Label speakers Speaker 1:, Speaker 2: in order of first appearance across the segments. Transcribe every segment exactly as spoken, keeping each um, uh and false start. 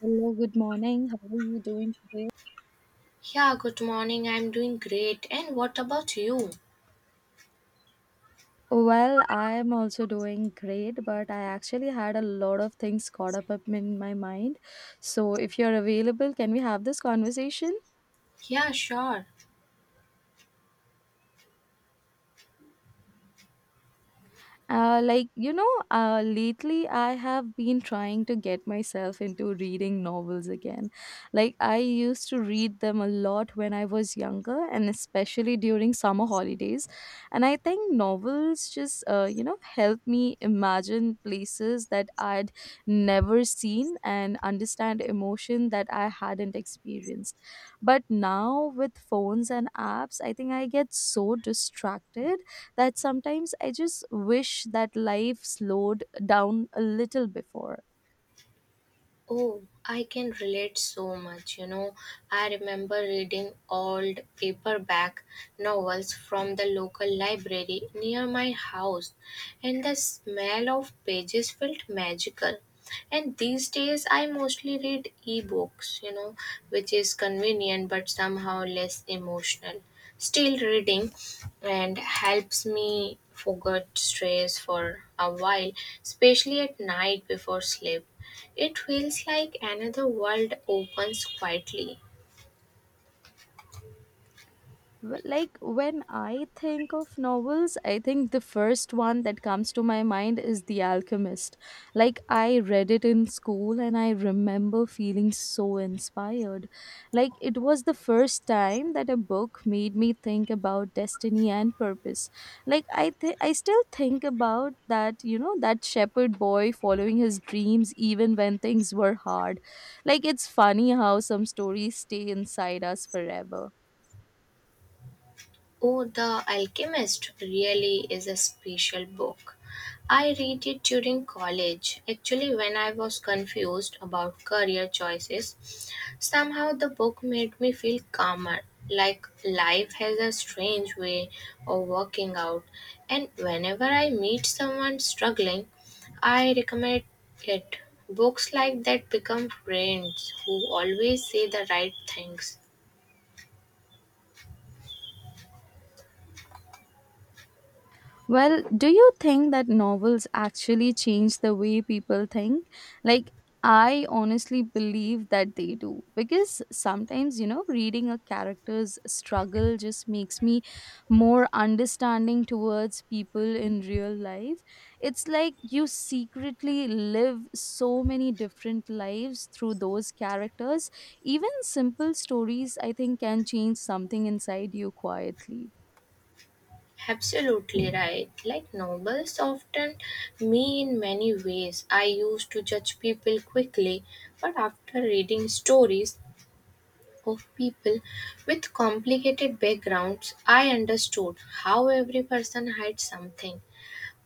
Speaker 1: Hello, good morning. How are you doing today?
Speaker 2: Yeah, good morning. I'm doing great. And what about you?
Speaker 1: Well, I'm also doing great, but I actually had a lot of things caught up up in my mind. So, if you're available, can we have this conversation?
Speaker 2: Yeah, sure.
Speaker 1: Uh, like, you know, uh, lately I have been trying to get myself into reading novels again. Like, I used to read them a lot when I was younger, and especially during summer holidays. And I think novels just, uh, you know, help me imagine places that I'd never seen and understand emotion that I hadn't experienced. But now with phones and apps, I think I get so distracted that sometimes I just wish that life slowed down a little before.
Speaker 2: Oh, I can relate so much. You know, I remember reading old paperback novels from the local library near my house, and the smell of pages felt magical. And these days, I mostly read ebooks, you know, which is convenient but somehow less emotional. Still reading and helps me forget stress for a while, especially at night before sleep. It feels like another world opens quietly.
Speaker 1: Well, like when I think of novels, I think the first one that comes to my mind is The Alchemist. Like I read it in school, and I remember feeling so inspired. Like it was the first time that a book made me think about destiny and purpose. Like I th- i still think about that, you know that shepherd boy following his dreams even when things were hard. Like it's funny how some stories stay inside us forever.
Speaker 2: Oh, The Alchemist really is a special book. I read it during college. Actually, when I was confused about career choices, somehow the book made me feel calmer. Like life has a strange way of working out, and whenever I meet someone struggling, I recommend it. Books like that become friends who always say the right things.
Speaker 1: Well, do you think that novels actually change the way people think? Like, I honestly believe that they do. Because sometimes, you know, reading a character's struggle just makes me more understanding towards people in real life. It's like you secretly live so many different lives through those characters. Even simple stories, I think, can change something inside you quietly.
Speaker 2: Absolutely right. Like novels often me in many ways. I used to judge people quickly, but after reading stories of people with complicated backgrounds, I understood how every person had something.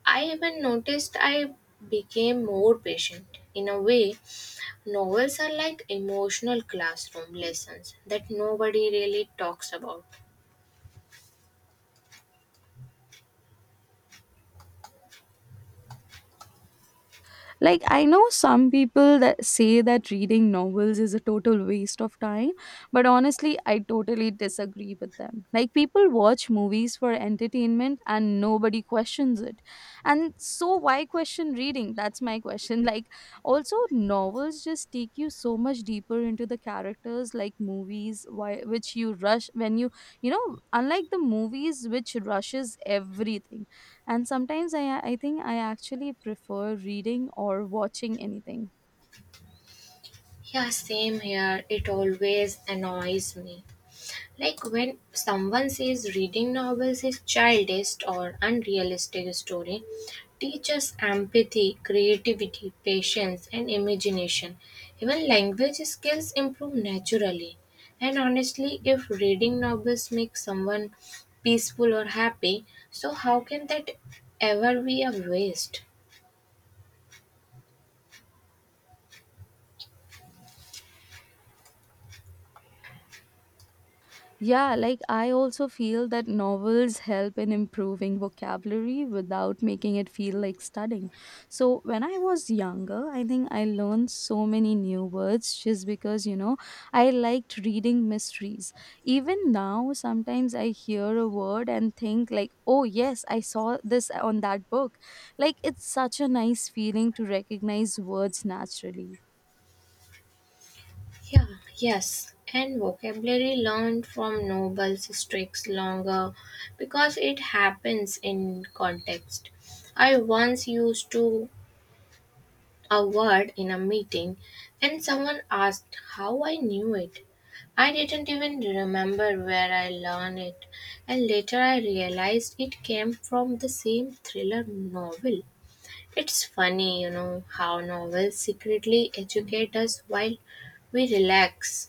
Speaker 2: I even noticed I became more patient. In a way, novels are like emotional classroom lessons that nobody really talks about.
Speaker 1: Like, I know some people that say that reading novels is a total waste of time, but honestly, I totally disagree with them. Like, people watch movies for entertainment and nobody questions it. And so, why question reading? That's my question. Like, also, novels just take you so much deeper into the characters, like movies, why, which you rush when you, you know, unlike the movies, which rushes everything, and sometimes I I think I actually prefer reading or watching anything.
Speaker 2: Yeah, same here. It always annoys me like when someone says reading novels is childish or unrealistic story, teaches empathy, creativity, patience, and imagination. Even language skills improve naturally. And honestly, if reading novels makes someone peaceful or happy, so how can that ever be a waste?
Speaker 1: Yeah, like I also feel that novels help in improving vocabulary without making it feel like studying. So when I was younger, I think I learned so many new words just because, you know, I liked reading mysteries. Even now, sometimes I hear a word and think like, "Oh, yes, I saw this on that book." Like it's such a nice feeling to recognize words naturally.
Speaker 2: Yeah, yes, and vocabulary learned from Nobel's sticks longer because it happens in context. I once used to a word in a meeting and someone asked how I knew it. I didn't even remember where I learned it, and later I realized it came from the same thriller novel. It's funny, you know, how novels secretly educate us while we relax.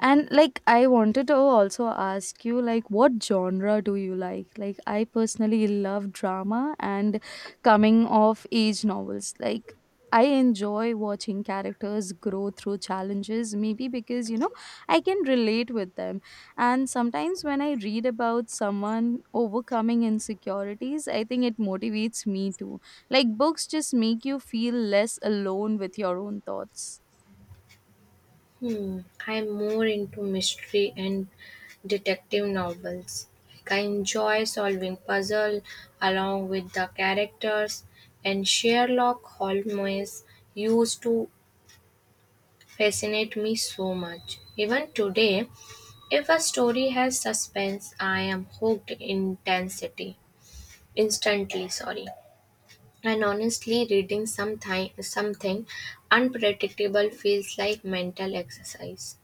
Speaker 1: And like I wanted to also ask you, like, what genre do you like? Like I personally love drama and coming of age novels. Like I enjoy watching characters grow through challenges, maybe because you know I can relate with them. And sometimes when I read about someone overcoming insecurities, I think it motivates me too. Like books just make you feel less alone with your own thoughts.
Speaker 2: Hmm, I'm more into mystery and detective novels. Like I enjoy solving puzzle along with the characters, and Sherlock Holmes used to fascinate me so much. Even today, if a story has suspense, I am hooked intensity instantly. Sorry. And honestly, reading something something unpredictable feels like mental exercise.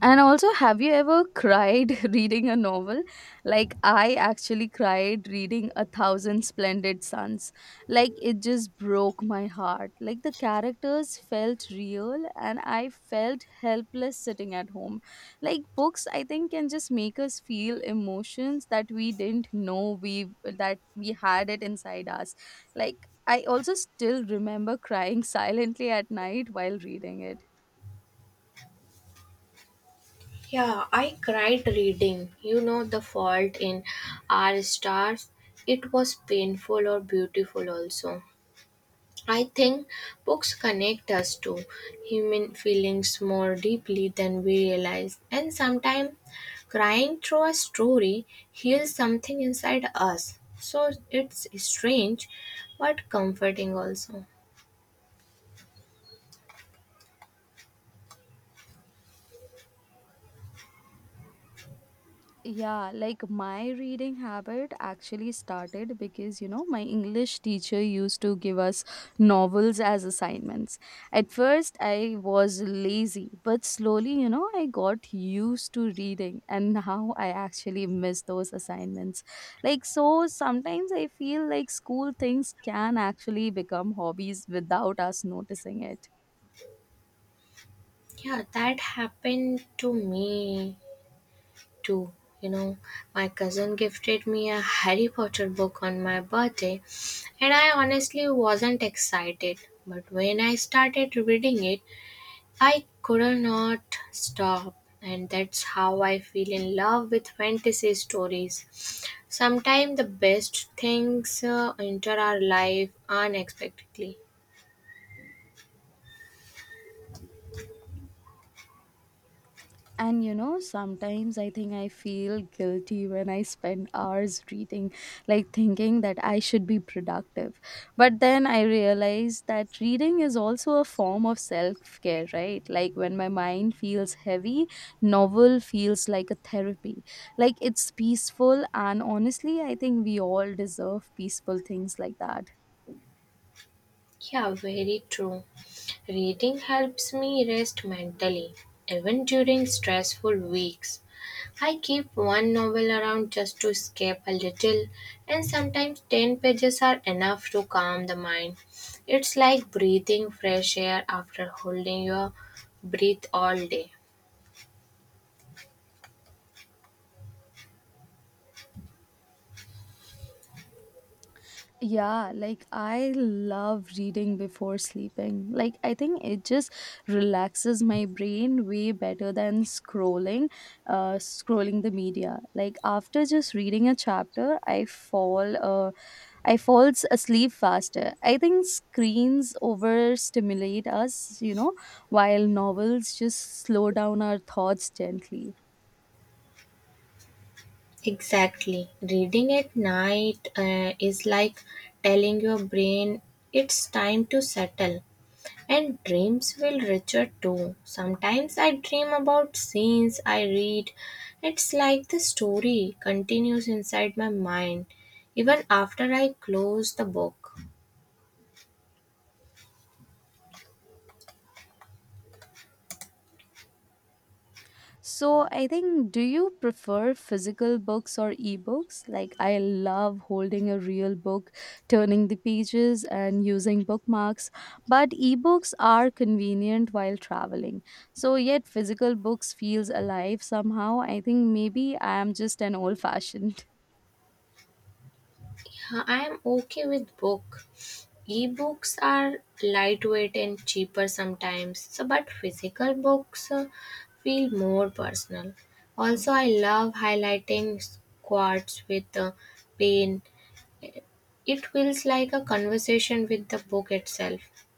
Speaker 1: And also, have you ever cried reading a novel? Like, I actually cried reading A Thousand Splendid Suns. Like, it just broke my heart. Like, the characters felt real, and I felt helpless sitting at home. Like, books, I think, can just make us feel emotions that we didn't know we that we had it inside us. Like, I also still remember crying silently at night while reading it.
Speaker 2: Yeah, I cried reading. You know, The Fault in Our Stars. It was painful or beautiful also. I think books connect us to human feelings more deeply than we realize. And sometimes crying through a story heals something inside us. So it's strange but comforting also.
Speaker 1: Yeah, like my reading habit actually started because, you know, my English teacher used to give us novels as assignments. At first, I was lazy, but slowly, you know, I got used to reading, and now I actually miss those assignments. Like, so sometimes I feel like school things can actually become hobbies without us noticing it.
Speaker 2: Yeah, that happened to me too. You know, my cousin gifted me a Harry Potter book on my birthday, and I honestly wasn't excited. But when I started reading it, I could not stop. And that's how I feel in love with fantasy stories. Sometimes the best things uh, enter our life unexpectedly.
Speaker 1: And you know, sometimes I think I feel guilty when I spend hours reading, like thinking that I should be productive. But then I realize that reading is also a form of self care, right? Like when my mind feels heavy, novel feels like a therapy. Like it's peaceful, and honestly, I think we all deserve peaceful things like that.
Speaker 2: Yeah, very true. Reading helps me rest mentally, even during stressful weeks. I keep one novel around just to escape a little, and sometimes ten pages are enough to calm the mind. It's like breathing fresh air after holding your breath all day.
Speaker 1: Yeah, like I love reading before sleeping. Like I think it just relaxes my brain way better than scrolling uh scrolling the media. Like after just reading a chapter, I fall uh I falls asleep faster. I think screens overstimulate us, you know, while novels just slow down our thoughts gently.
Speaker 2: Exactly. Reading at night uh, is like telling your brain it's time to settle. And dreams feel richer too. Sometimes I dream about scenes I read. It's like the story continues inside my mind even after I close the book.
Speaker 1: So I think, do you prefer physical books or ebooks? Like, I love holding a real book, turning the pages, and using bookmarks. But ebooks are convenient while traveling. So yet physical books feels alive somehow. I think maybe I am just an old fashioned.
Speaker 2: Yeah, I am okay with book. Books are lightweight and cheaper sometimes, so but physical books uh, feel more personal. Also, I love highlighting quotes with uh, pen. It feels like a conversation with the book itself.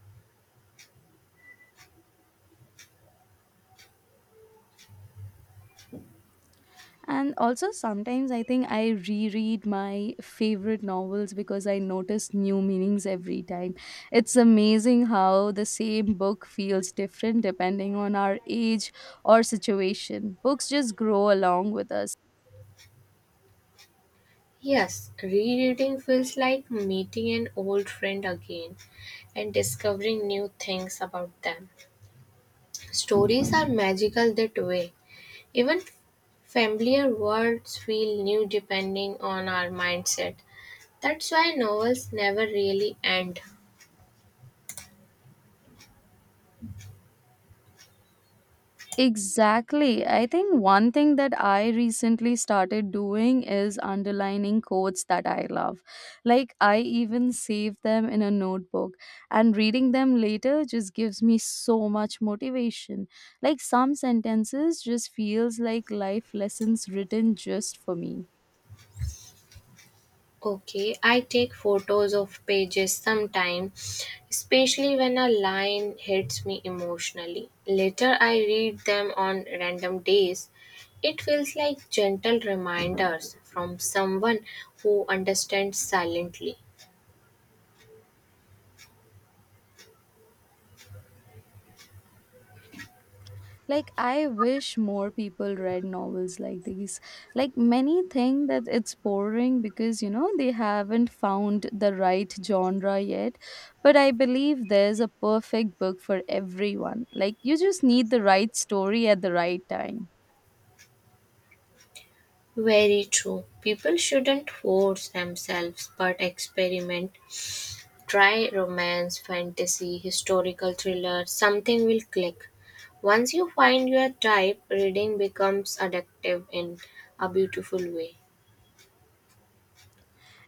Speaker 1: And also, sometimes I think I reread my favorite novels because I notice new meanings every time. It's amazing how the same book feels different depending on our age or situation. Books just grow along with us.
Speaker 2: Yes, rereading feels like meeting an old friend again and discovering new things about them. Stories are magical that way. Even familiar words feel new depending on our mindset. That's why novels never really end.
Speaker 1: Exactly. I think one thing that I recently started doing is underlining quotes that I love. Like, I even save them in a notebook, and reading them later just gives me so much motivation. Like, some sentences just feels like life lessons written just for me.
Speaker 2: Okay, I take photos of pages sometime, especially when a line hits me emotionally. Later, I read them on random days. It feels like gentle reminders from someone who understands silently.
Speaker 1: Like I wish more people read novels like these. Like many think that it's boring because you know they haven't found the right genre yet. But I believe there's a perfect book for everyone. Like you just need the right story at the right time.
Speaker 2: Very true. People shouldn't force themselves but experiment. Try romance, fantasy, historical thriller, something will click. Once you find your type, reading becomes addictive in a beautiful way.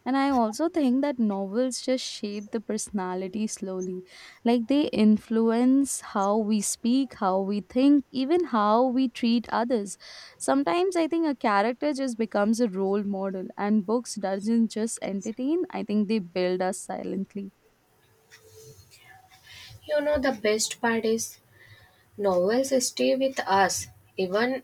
Speaker 1: And I also think that novels just shape the personality slowly. Like they influence how we speak, how we think, even how we treat others. Sometimes I think a character just becomes a role model, and books doesn't just entertain, I think they build us silently.
Speaker 2: You know, the best part is novels stay with us. Even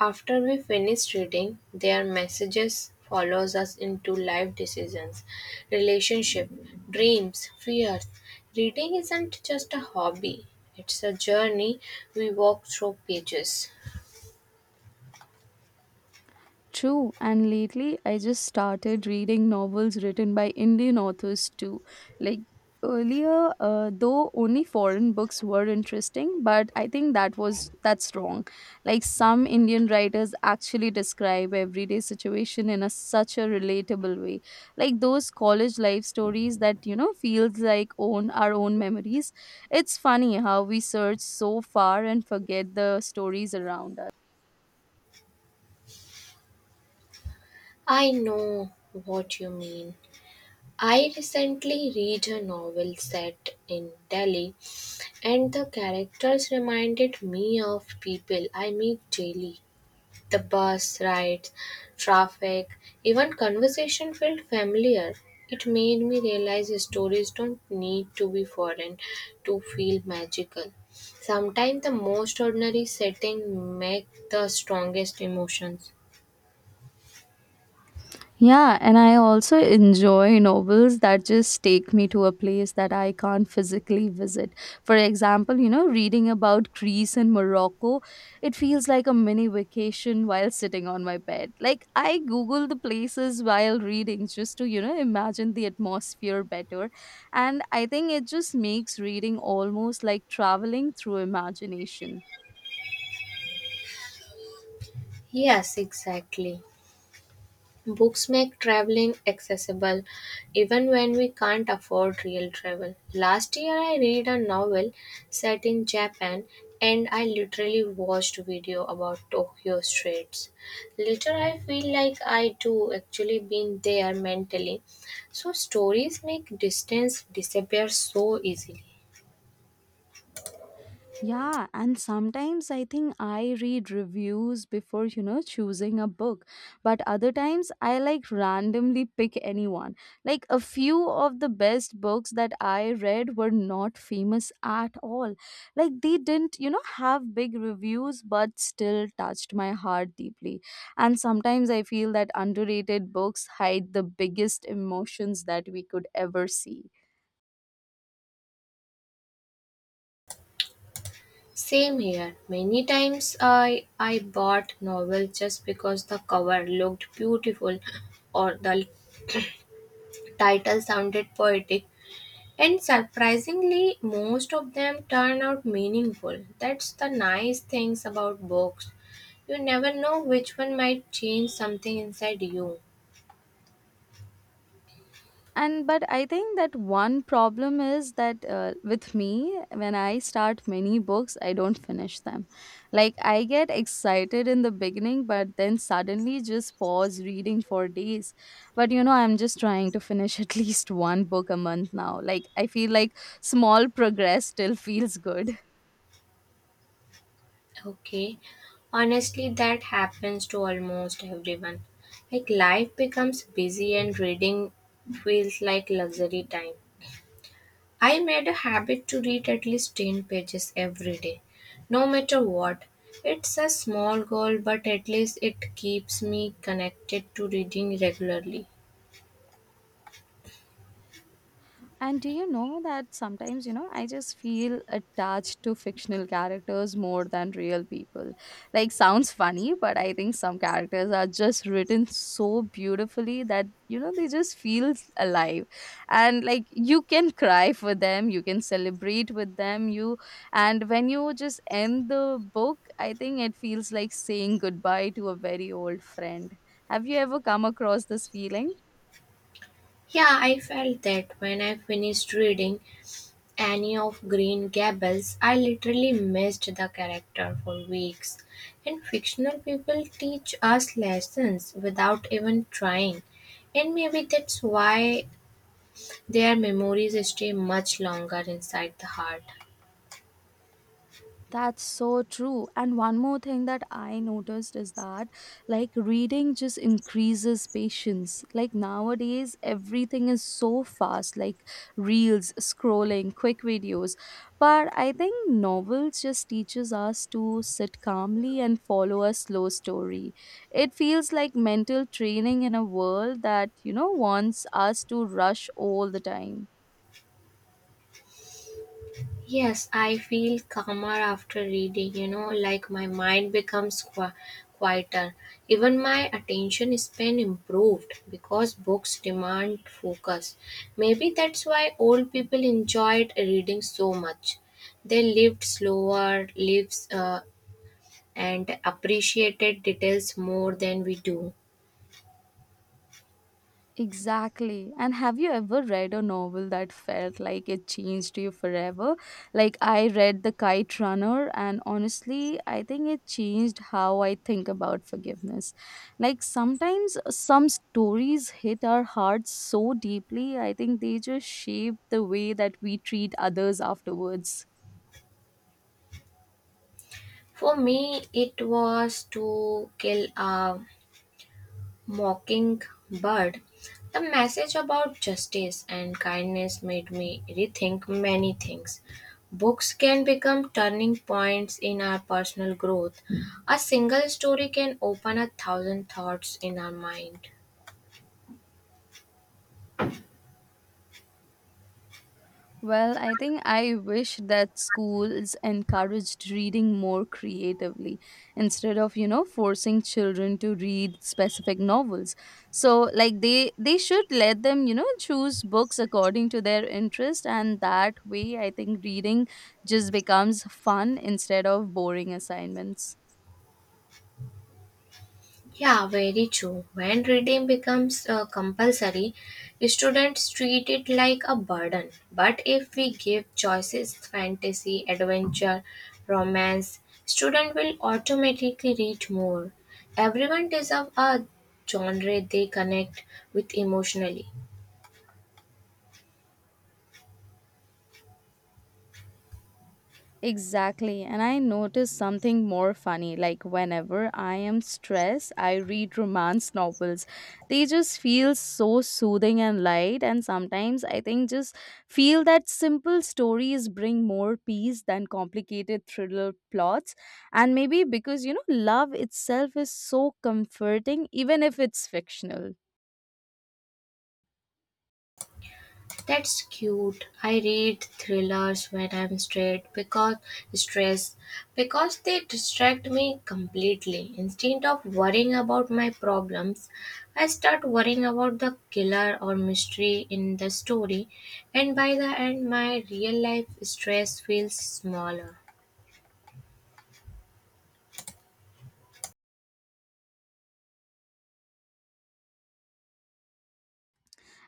Speaker 2: after we finish reading, their messages follows us into life decisions, relationship, dreams, fears. Reading isn't just a hobby. It's a journey we walk through pages.
Speaker 1: True, and lately I just started reading novels written by Indian authors too. Like earlier, uh, though only foreign books were interesting, but I think that was that's wrong. Like some Indian writers actually describe everyday situation in a such a relatable way. Like those college life stories that you know feels like own our own memories. It's funny how we search so far and forget the stories around us.
Speaker 2: I know what you mean. I recently read a novel set in Delhi, and the characters reminded me of people I meet daily. The bus rides, traffic, even conversation felt familiar. It made me realize stories don't need to be foreign to feel magical. Sometimes the most ordinary setting make the strongest emotions.
Speaker 1: Yeah, and I also enjoy novels that just take me to a place that I can't physically visit. For example, you know, reading about Greece and Morocco, it feels like a mini vacation while sitting on my bed. Like, I Google the places while reading just to, you know, imagine the atmosphere better. And I think it just makes reading almost like traveling through imagination.
Speaker 2: Yes, exactly. Books make traveling accessible even when we can't afford real travel. Last year I read a novel set in Japan and I literally watched video about Tokyo streets. Later I feel like I too actually been there mentally. So stories make distance disappear so easily.
Speaker 1: Yeah, and sometimes I think I read reviews before, you know, choosing a book. But other times I like randomly pick anyone. Like a few of the best books that I read were not famous at all. Like they didn't, you know, have big reviews, but still touched my heart deeply. And sometimes I feel that underrated books hide the biggest emotions that we could ever see.
Speaker 2: Same here. Many times I I bought novel just because the cover looked beautiful or the title sounded poetic, and surprisingly, most of them turn out meaningful. That's the nice things about books. You never know which one might change something inside you.
Speaker 1: And but I think that one problem is that, uh, with me, when I start many books, I don't finish them. Like I get excited in the beginning, but then suddenly just pause reading for days. But you know I'm just trying to finish at least one book a month now. Like I feel like small progress still feels good.
Speaker 2: Okay, honestly, that happens to almost everyone. Like life becomes busy and reading feels like luxury time. I made a habit to read at least ten pages every day, no matter what. It's a small goal, but at least it keeps me connected to reading regularly.
Speaker 1: And do you know that sometimes, you know, I just feel attached to fictional characters more than real people. Like, sounds funny, but I think some characters are just written so beautifully that, you know, they just feel alive. And like, you can cry for them, you can celebrate with them. You, and when you just end the book, I think it feels like saying goodbye to a very old friend. Have you ever come across this feeling?
Speaker 2: Yeah, I felt that when I finished reading Annie of Green Gables, I literally missed the character for weeks. And fictional people teach us lessons without even trying. And maybe that's why their memories stay much longer inside the heart.
Speaker 1: That's so true. And one more thing that I noticed is that, like, reading just increases patience. Like, nowadays, everything is so fast, like reels, scrolling, quick videos. But I think novels just teaches us to sit calmly and follow a slow story. It feels like mental training in a world that, you know, wants us to rush all the time.
Speaker 2: Yes, I feel calmer after reading, you know, like my mind becomes qui- quieter. Even my attention span improved because books demand focus. Maybe that's why old people enjoyed reading so much. They lived slower lives uh, and appreciated details more than we do.
Speaker 1: Exactly. And have you ever read a novel that felt like it changed you forever? Like I read The Kite Runner, and honestly, I think it changed how I think about forgiveness. Like sometimes some stories hit our hearts so deeply, I think they just shape the way that we treat others afterwards.
Speaker 2: For me, it was To Kill a Mockingbird, the message about justice and kindness made me rethink many things. Books can become turning points in our personal growth. A single story can open a thousand thoughts in our mind.
Speaker 1: Well, I think I wish that schools encouraged reading more creatively instead of, you know, forcing children to read specific novels. So, like they they should let them, you know, choose books according to their interest, and that way I think reading just becomes fun instead of boring assignments.
Speaker 2: Yeah, very true. When reading becomes uh, compulsory, students treat it like a burden. But if we give choices, fantasy, adventure, romance, student will automatically read more. Everyone deserves a genre they connect with emotionally.
Speaker 1: Exactly. And I noticed something more funny. Like, whenever I am stressed, I read romance novels. They just feel so soothing and light. And sometimes I think just feel that simple stories bring more peace than complicated thriller plots. And maybe because, you know, love itself is so comforting, even if it's fictional.
Speaker 2: That's cute. I read thrillers when I'm straight because stressed because they distract me completely. Instead of worrying about my problems, I start worrying about the killer or mystery in the story, and by the end, my real life stress feels smaller.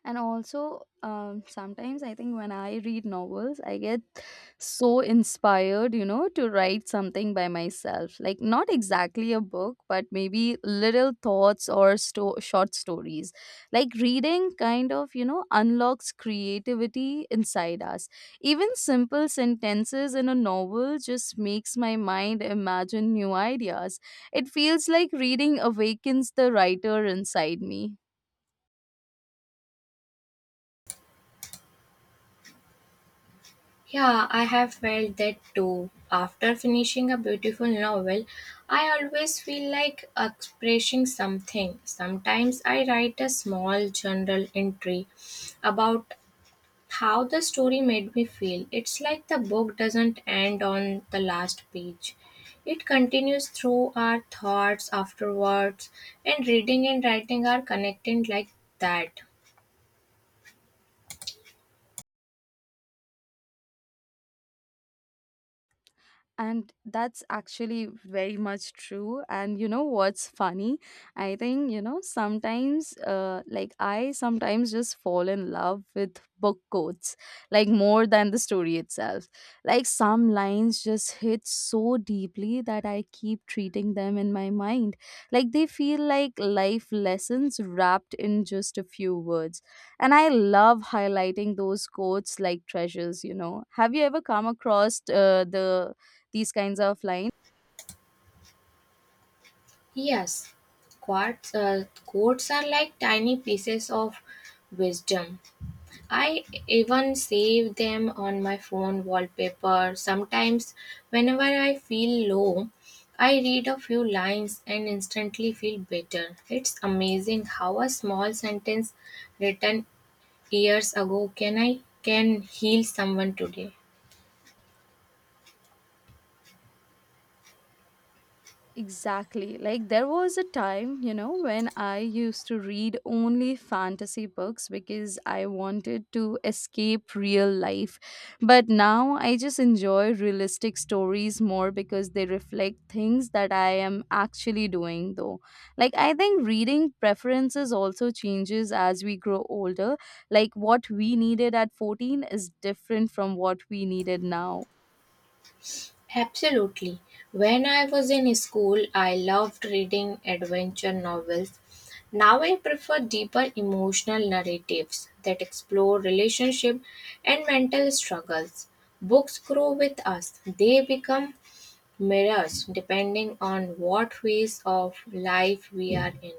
Speaker 1: And also, um, sometimes I think when I read novels, I get so inspired, you know, to write something by myself. Like, not exactly a book, but maybe little thoughts or sto- short stories. Like, reading kind of, you know, unlocks creativity inside us. Even simple sentences in a novel just makes my mind imagine new ideas. It feels like reading awakens the writer inside me.
Speaker 2: Yeah, I have felt that too. After finishing a beautiful novel, I always feel like expressing something. Sometimes I write a small journal entry about how the story made me feel. It's like the book doesn't end on the last page. It continues through our thoughts afterwards, and reading and writing are connected like that.
Speaker 1: And that's actually very much true. And you know what's funny? I think, you know, sometimes, uh, like, I sometimes just fall in love with book quotes, like, more than the story itself. Like, some lines just hit so deeply that I keep treating them in my mind. Like, they feel like life lessons wrapped in just a few words. And I love highlighting those quotes like treasures, you know. Have you ever come across uh, the these kinds of lines?
Speaker 2: Yes, quotes, uh, quotes are like tiny pieces of wisdom. I even save them on my phone wallpaper. Sometimes, whenever I feel low, I read a few lines and instantly feel better. It's amazing how a small sentence written years ago can I can heal someone today.
Speaker 1: Exactly. Like there was a time, you know, when I used to read only fantasy books because I wanted to escape real life. But now I just enjoy realistic stories more because they reflect things that I am actually doing though. Like I think reading preferences also changes as we grow older. Like what we needed at fourteen is different from what we needed now.
Speaker 2: Absolutely. When I was in school, I loved reading adventure novels. Now I prefer deeper emotional narratives that explore relationship and mental struggles. Books grow with us. They become mirrors depending on what phase of life we are in.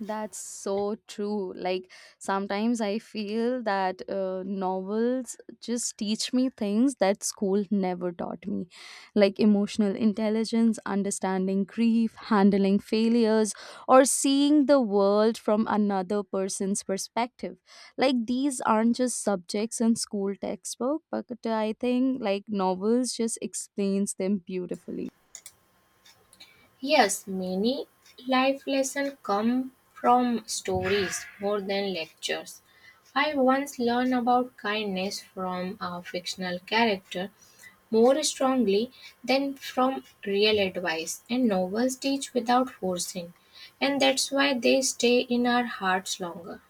Speaker 1: That's so true. Like sometimes I feel that uh, novels just teach me things that school never taught me, like emotional intelligence, understanding grief, handling failures, or seeing the world from another person's perspective. Like these aren't just subjects in school textbook, but I think like novels just explains them beautifully.
Speaker 2: Yes, many life lessons come from stories more than lectures. I once learned about kindness from a fictional character more strongly than from real advice, and novels teach without forcing, and that's why they stay in our hearts longer.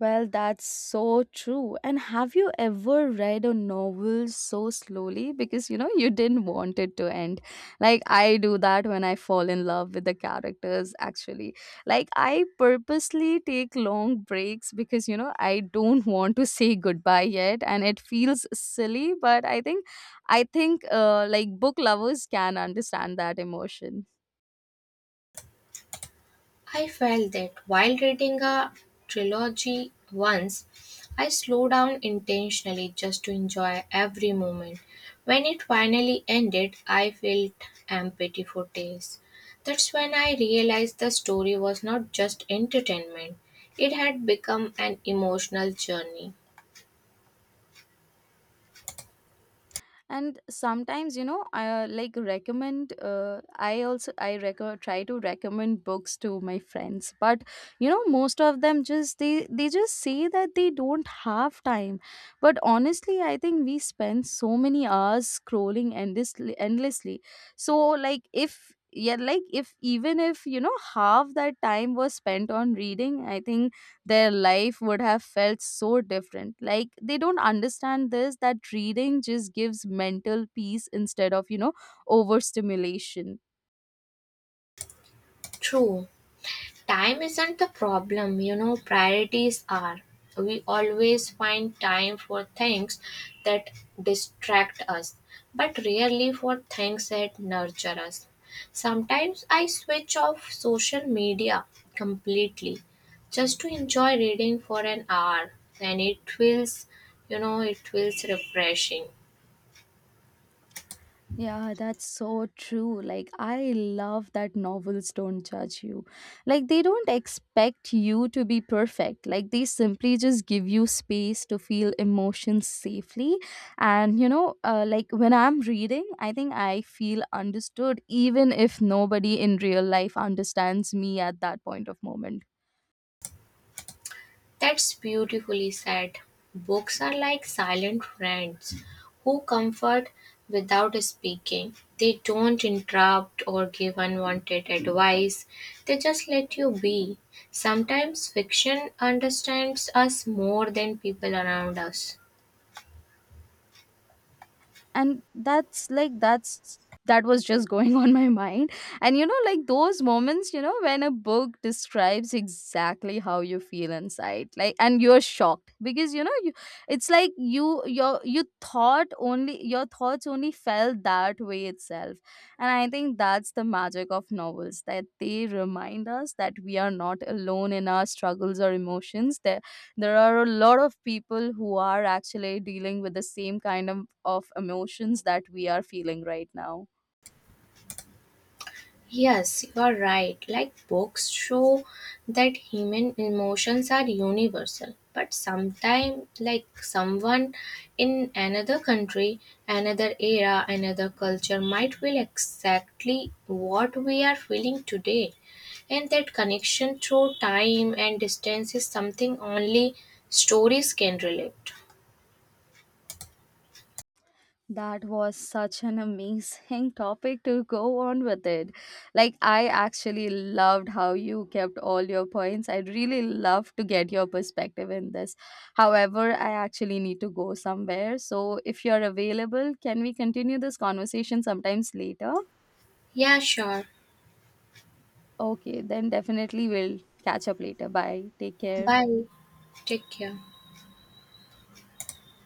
Speaker 1: Well, that's so true. And have you ever read a novel so slowly because you know you didn't want it to end? Like, I do that when I fall in love with the characters, actually. Like, I purposely take long breaks because you know I don't want to say goodbye yet, and it feels silly, but I think I think uh, like book lovers can understand that emotion.
Speaker 2: I felt that while reading a trilogy once, I slowed down intentionally just to enjoy every moment. When it finally ended, I felt empty for days. That's when I realized the story was not just entertainment, it had become an emotional journey.
Speaker 1: And sometimes you know I uh, like recommend uh, I also I reco- try to recommend books to my friends, but you know most of them just they they just say that they don't have time. But honestly I think we spend so many hours scrolling endlessly endlessly, so like if yeah, like if even if you know half that time was spent on reading, I think their life would have felt so different. Like they don't understand this that reading just gives mental peace instead of, you know, overstimulation.
Speaker 2: True. Time isn't the problem, you know, priorities are. We always find time for things that distract us, but rarely for things that nurture us. Sometimes I switch off social media completely just to enjoy reading for an hour and it feels you know it feels refreshing.
Speaker 1: Yeah, that's so true. Like, I love that novels don't judge you. Like, they don't expect you to be perfect. Like, they simply just give you space to feel emotions safely. And, you know, uh, like when I'm reading, I think I feel understood, even if nobody in real life understands me at that point of moment.
Speaker 2: That's beautifully said. Books are like silent friends who comfort without speaking. They don't interrupt or give unwanted advice, they just let you be. Sometimes fiction understands us more than people around us.
Speaker 1: And that's like that's that was just going on my mind. And you know, like those moments, you know, when a book describes exactly how you feel inside, like, and you're shocked because you know you, it's like you your you thought only your thoughts only felt that way itself. And I think that's the magic of novels, that they remind us that we are not alone in our struggles or emotions. There. There are a lot of people who are actually dealing with the same kind of, of emotions that we are feeling right now.
Speaker 2: Yes, you are right. Like books show that human emotions are universal, but sometimes, like someone in another country, another era, another culture might feel exactly what we are feeling today. And that connection through time and distance is something only stories can relate.
Speaker 1: That was such an amazing topic to go on with it. Like, I actually loved how you kept all your points. I'd really love to get your perspective in this. However, I actually need to go somewhere. So, if you're available, can we continue this conversation sometimes later?
Speaker 2: Yeah, sure.
Speaker 1: Okay, then definitely we'll catch up later. Bye. Take care.
Speaker 2: Bye. Take care.